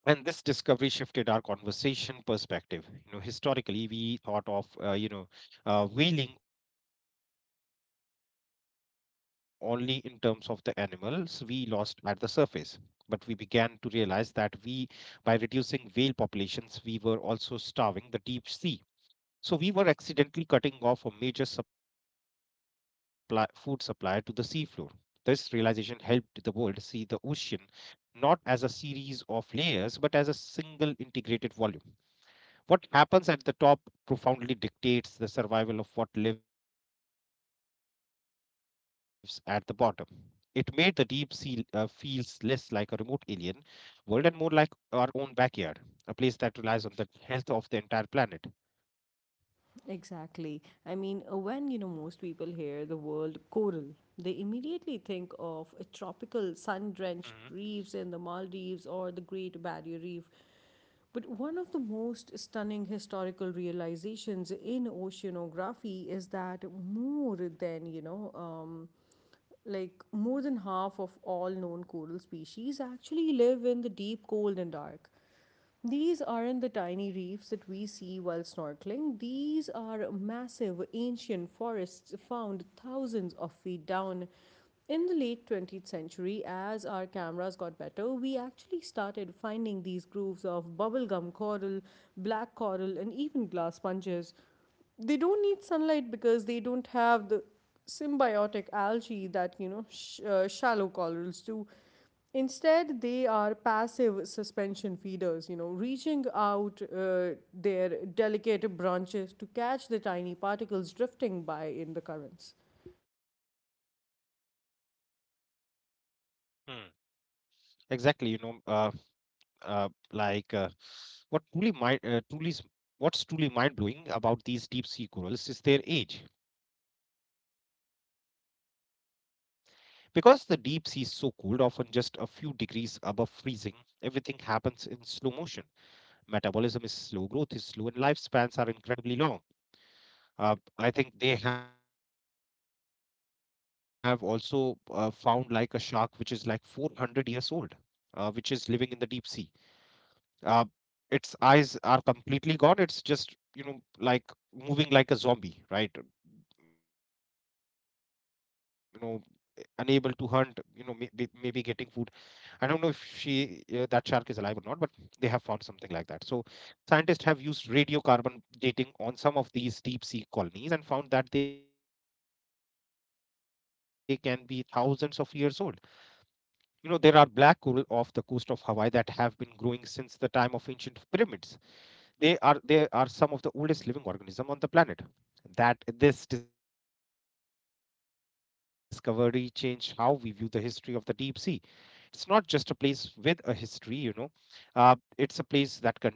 S2: and this discovery shifted our conversation perspective. You know, historically we thought of, you know, whaling only in terms of the animals we lost at the surface, but we began to realize that we by reducing whale populations, we were also starving the deep sea. So we were accidentally cutting off a major supply food supply to the seafloor. This realization helped the world see the ocean not as a series of layers, but as a single integrated volume. What happens at the top profoundly dictates the survival of what lives at the bottom. It made the deep sea feels less like a remote alien world and more like our own backyard, a place that relies on the health of the entire planet.
S1: Exactly. I mean, when you know most people hear the word coral, they immediately think of a tropical sun-drenched
S2: Mm-hmm.
S1: reefs in the Maldives or the Great Barrier Reef. But one of the most stunning historical realizations in oceanography is that more than, you know, more than half of all known coral species actually live in the deep, cold, and dark. These aren't the tiny reefs that we see while snorkeling. These are massive ancient forests found thousands of feet down. In the late 20th century, as our cameras got better, we actually started finding these groves of bubblegum coral, black coral, and even glass sponges. They don't need sunlight because they don't have the symbiotic algae that you know shallow corals do. Instead, they are passive suspension feeders, you know, reaching out their delicate branches to catch the tiny particles drifting by in the currents.
S2: Exactly, you know, uh, like uh, what truly mind truly is- what's truly mind blowing about these deep sea corals is their age. Because the deep sea is so cold, often just a few degrees above freezing, everything happens in slow motion. Metabolism is slow, growth is slow, and lifespans are incredibly long. Uh, I think they have also found like a shark which is like 400 years old, which is living in the deep sea. Uh, its eyes are completely gone. It's just, you know, like moving like a zombie, right? You know, unable to hunt, you know, maybe getting food. I don't know if she that shark is alive or not, but they have found something like that. So scientists have used radiocarbon dating on some of these deep sea colonies and found that they can be thousands of years old. You know, there are black coral off the coast of Hawaii that have been growing since the time of ancient pyramids. They are some of the oldest living organisms on the planet. That This discovery changed how we view the history of the deep sea. It's not just a place with a history, you know,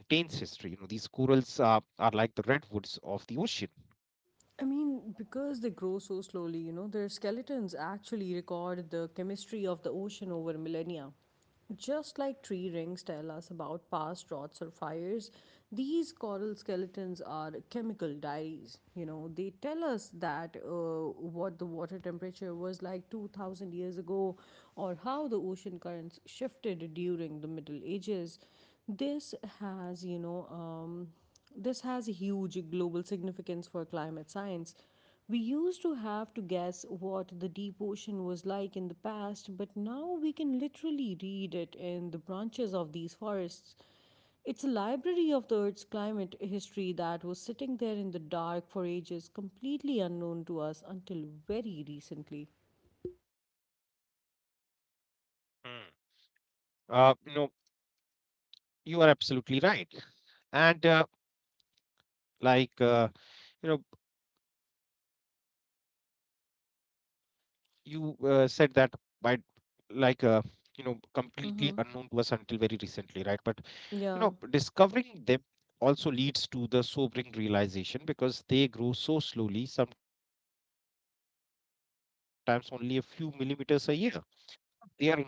S2: uh, it's a place that contains history. You know, these corals are
S1: I
S2: like the
S1: mean,
S2: redwoods
S1: because they
S2: of
S1: grow
S2: the
S1: so
S2: ocean.
S1: slowly, you know, their skeletons actually record the chemistry of the ocean over millennia. Just like tree rings tell us about past droughts or fires, these coral skeletons are chemical diaries. You know, they tell us that what the water temperature was like 2000 years ago or how the ocean currents shifted during the Middle Ages. This has, you know, um, this has huge global significance for climate science. We used to have to guess what the deep ocean was like in the past, but now we can literally read it in the branches of these forests. It's a library of the Earth's climate history that was sitting there in the dark for ages, completely unknown to us until very recently.
S2: Hmm. You know, you are absolutely right. And, like uh, you know, you said that by
S1: Mm-hmm.
S2: like you know, completely unknown
S1: Yeah.
S2: to us until very recently, right? But you know, discovering them also leads to the sobering realization, because they grow so slowly, sometimes only a few millimeters a year,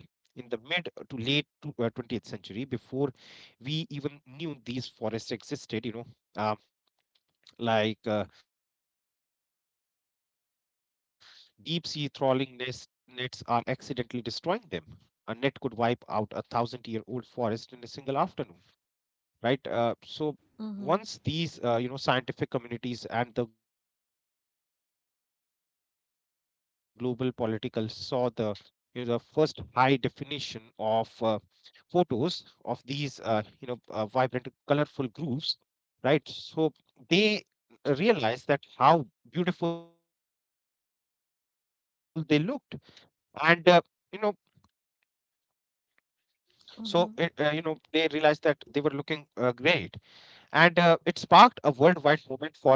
S2: they are incredibly fragile. In the mid to late to, 20th century, before we even knew these forests existed, you know, uh, like uh, deep sea nets are accidentally destroying them. A net could wipe out a 1,000 year old forest in a single afternoon,
S1: Mm-hmm.
S2: right? So once these, you know, scientific communities and the global political saw the, you know, the first high definition of photos of these, vibrant colorful grooves, right? So they realized that how beautiful they looked. And uh, you know
S1: Mm-hmm.
S2: so you know, they realized that they were looking great,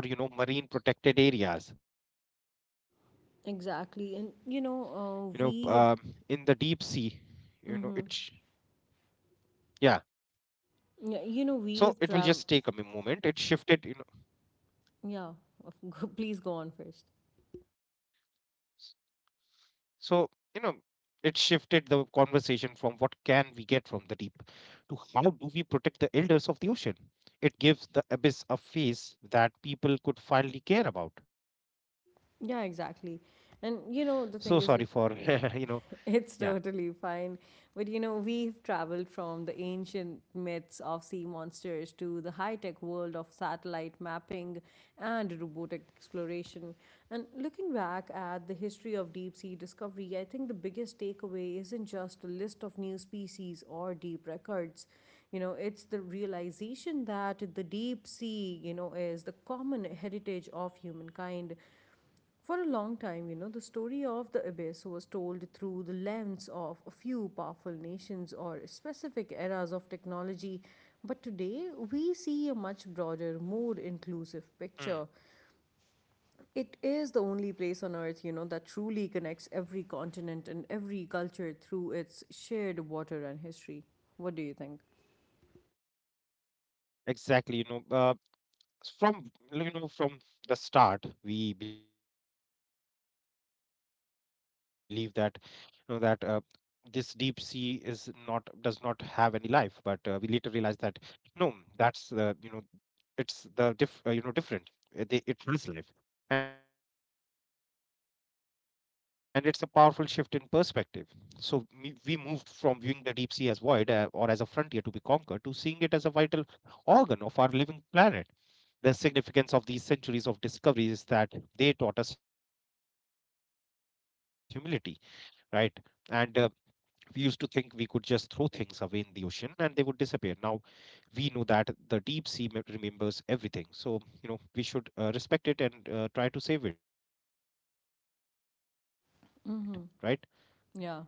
S2: and, it sparked a worldwide movement for, you know, marine protected
S1: Exactly. And you
S2: areas.
S1: know, uh,
S2: You
S1: we have.
S2: know, in the deep sea,
S1: Mm-hmm.
S2: you know, yeah.
S1: Yeah, you know, we have traveled.
S2: So it will just take a moment. It
S1: Yeah.
S2: shifted, you know.
S1: Please go on first.
S2: S- so you know, it shifted the conversation from what can we get from the deep to how do we protect the elders of the ocean. It gives the abyss a face
S1: Yeah,
S2: that people
S1: exactly.
S2: could
S1: And
S2: finally
S1: you
S2: care
S1: know,
S2: about.
S1: the thing is that
S2: So sorry for,
S1: it's
S2: you know,
S1: totally fine.
S2: yeah.
S1: But you know, we've traveled from the ancient myths of sea monsters to the high tech world of satellite mapping and robotic exploration. And looking back at the history of deep sea discovery, I think the biggest takeaway isn't just a list of new species or deep records. You know, it's the realization that the deep sea, you know, is the common heritage of humankind. For a long time, you know, the story of the abyss was told through the lens of a few powerful nations or specific eras of technology, but today we see a much broader, more inclusive picture. It is the only place on
S2: Mm,
S1: earth, you know, that truly connects every continent and every culture through its shared water and history. What do you think?
S2: exactly, you know, from you know, from the start we believe that, you know that uh, this deep sea is not does not have any life. But we later realize that no, that's the you know it's the diff you know different they, it has life, and it's a powerful shift in perspective. So we moved from viewing the deep sea as void, or as a frontier to be conquered, to seeing it as a vital organ of our living planet. The significance of these centuries of discoveries is that they taught us humility, right? and We used to think we could just throw things away in the ocean and they would disappear. Now we know that the deep sea remembers everything. So you know, we should, respect it and, try to save
S1: Mm-hmm.
S2: it, right?
S1: Yeah.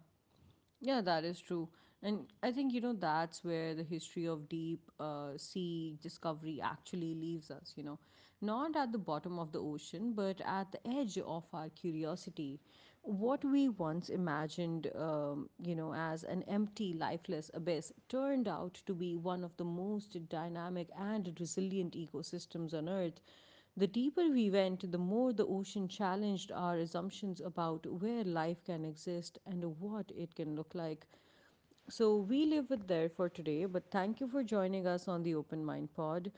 S1: Yeah, that is true. And I think, you know, that's where the history of deep sea discovery actually leaves us, you know. Not at the bottom of the ocean, but at the edge of our curiosity. What we once imagined as an empty, lifeless abyss turned out to be one of the most dynamic and resilient ecosystems on Earth. The deeper we went, the more the ocean challenged our assumptions about where life can exist and what it can look like. So we leave it there for today, but thank you for joining us on the Open Mind Pod.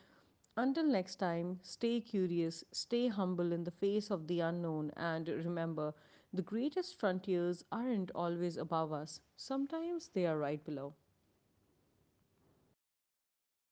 S1: Until next time, stay curious, stay humble in the face of the unknown, and remember the greatest frontiers aren't always above us, sometimes they are right below.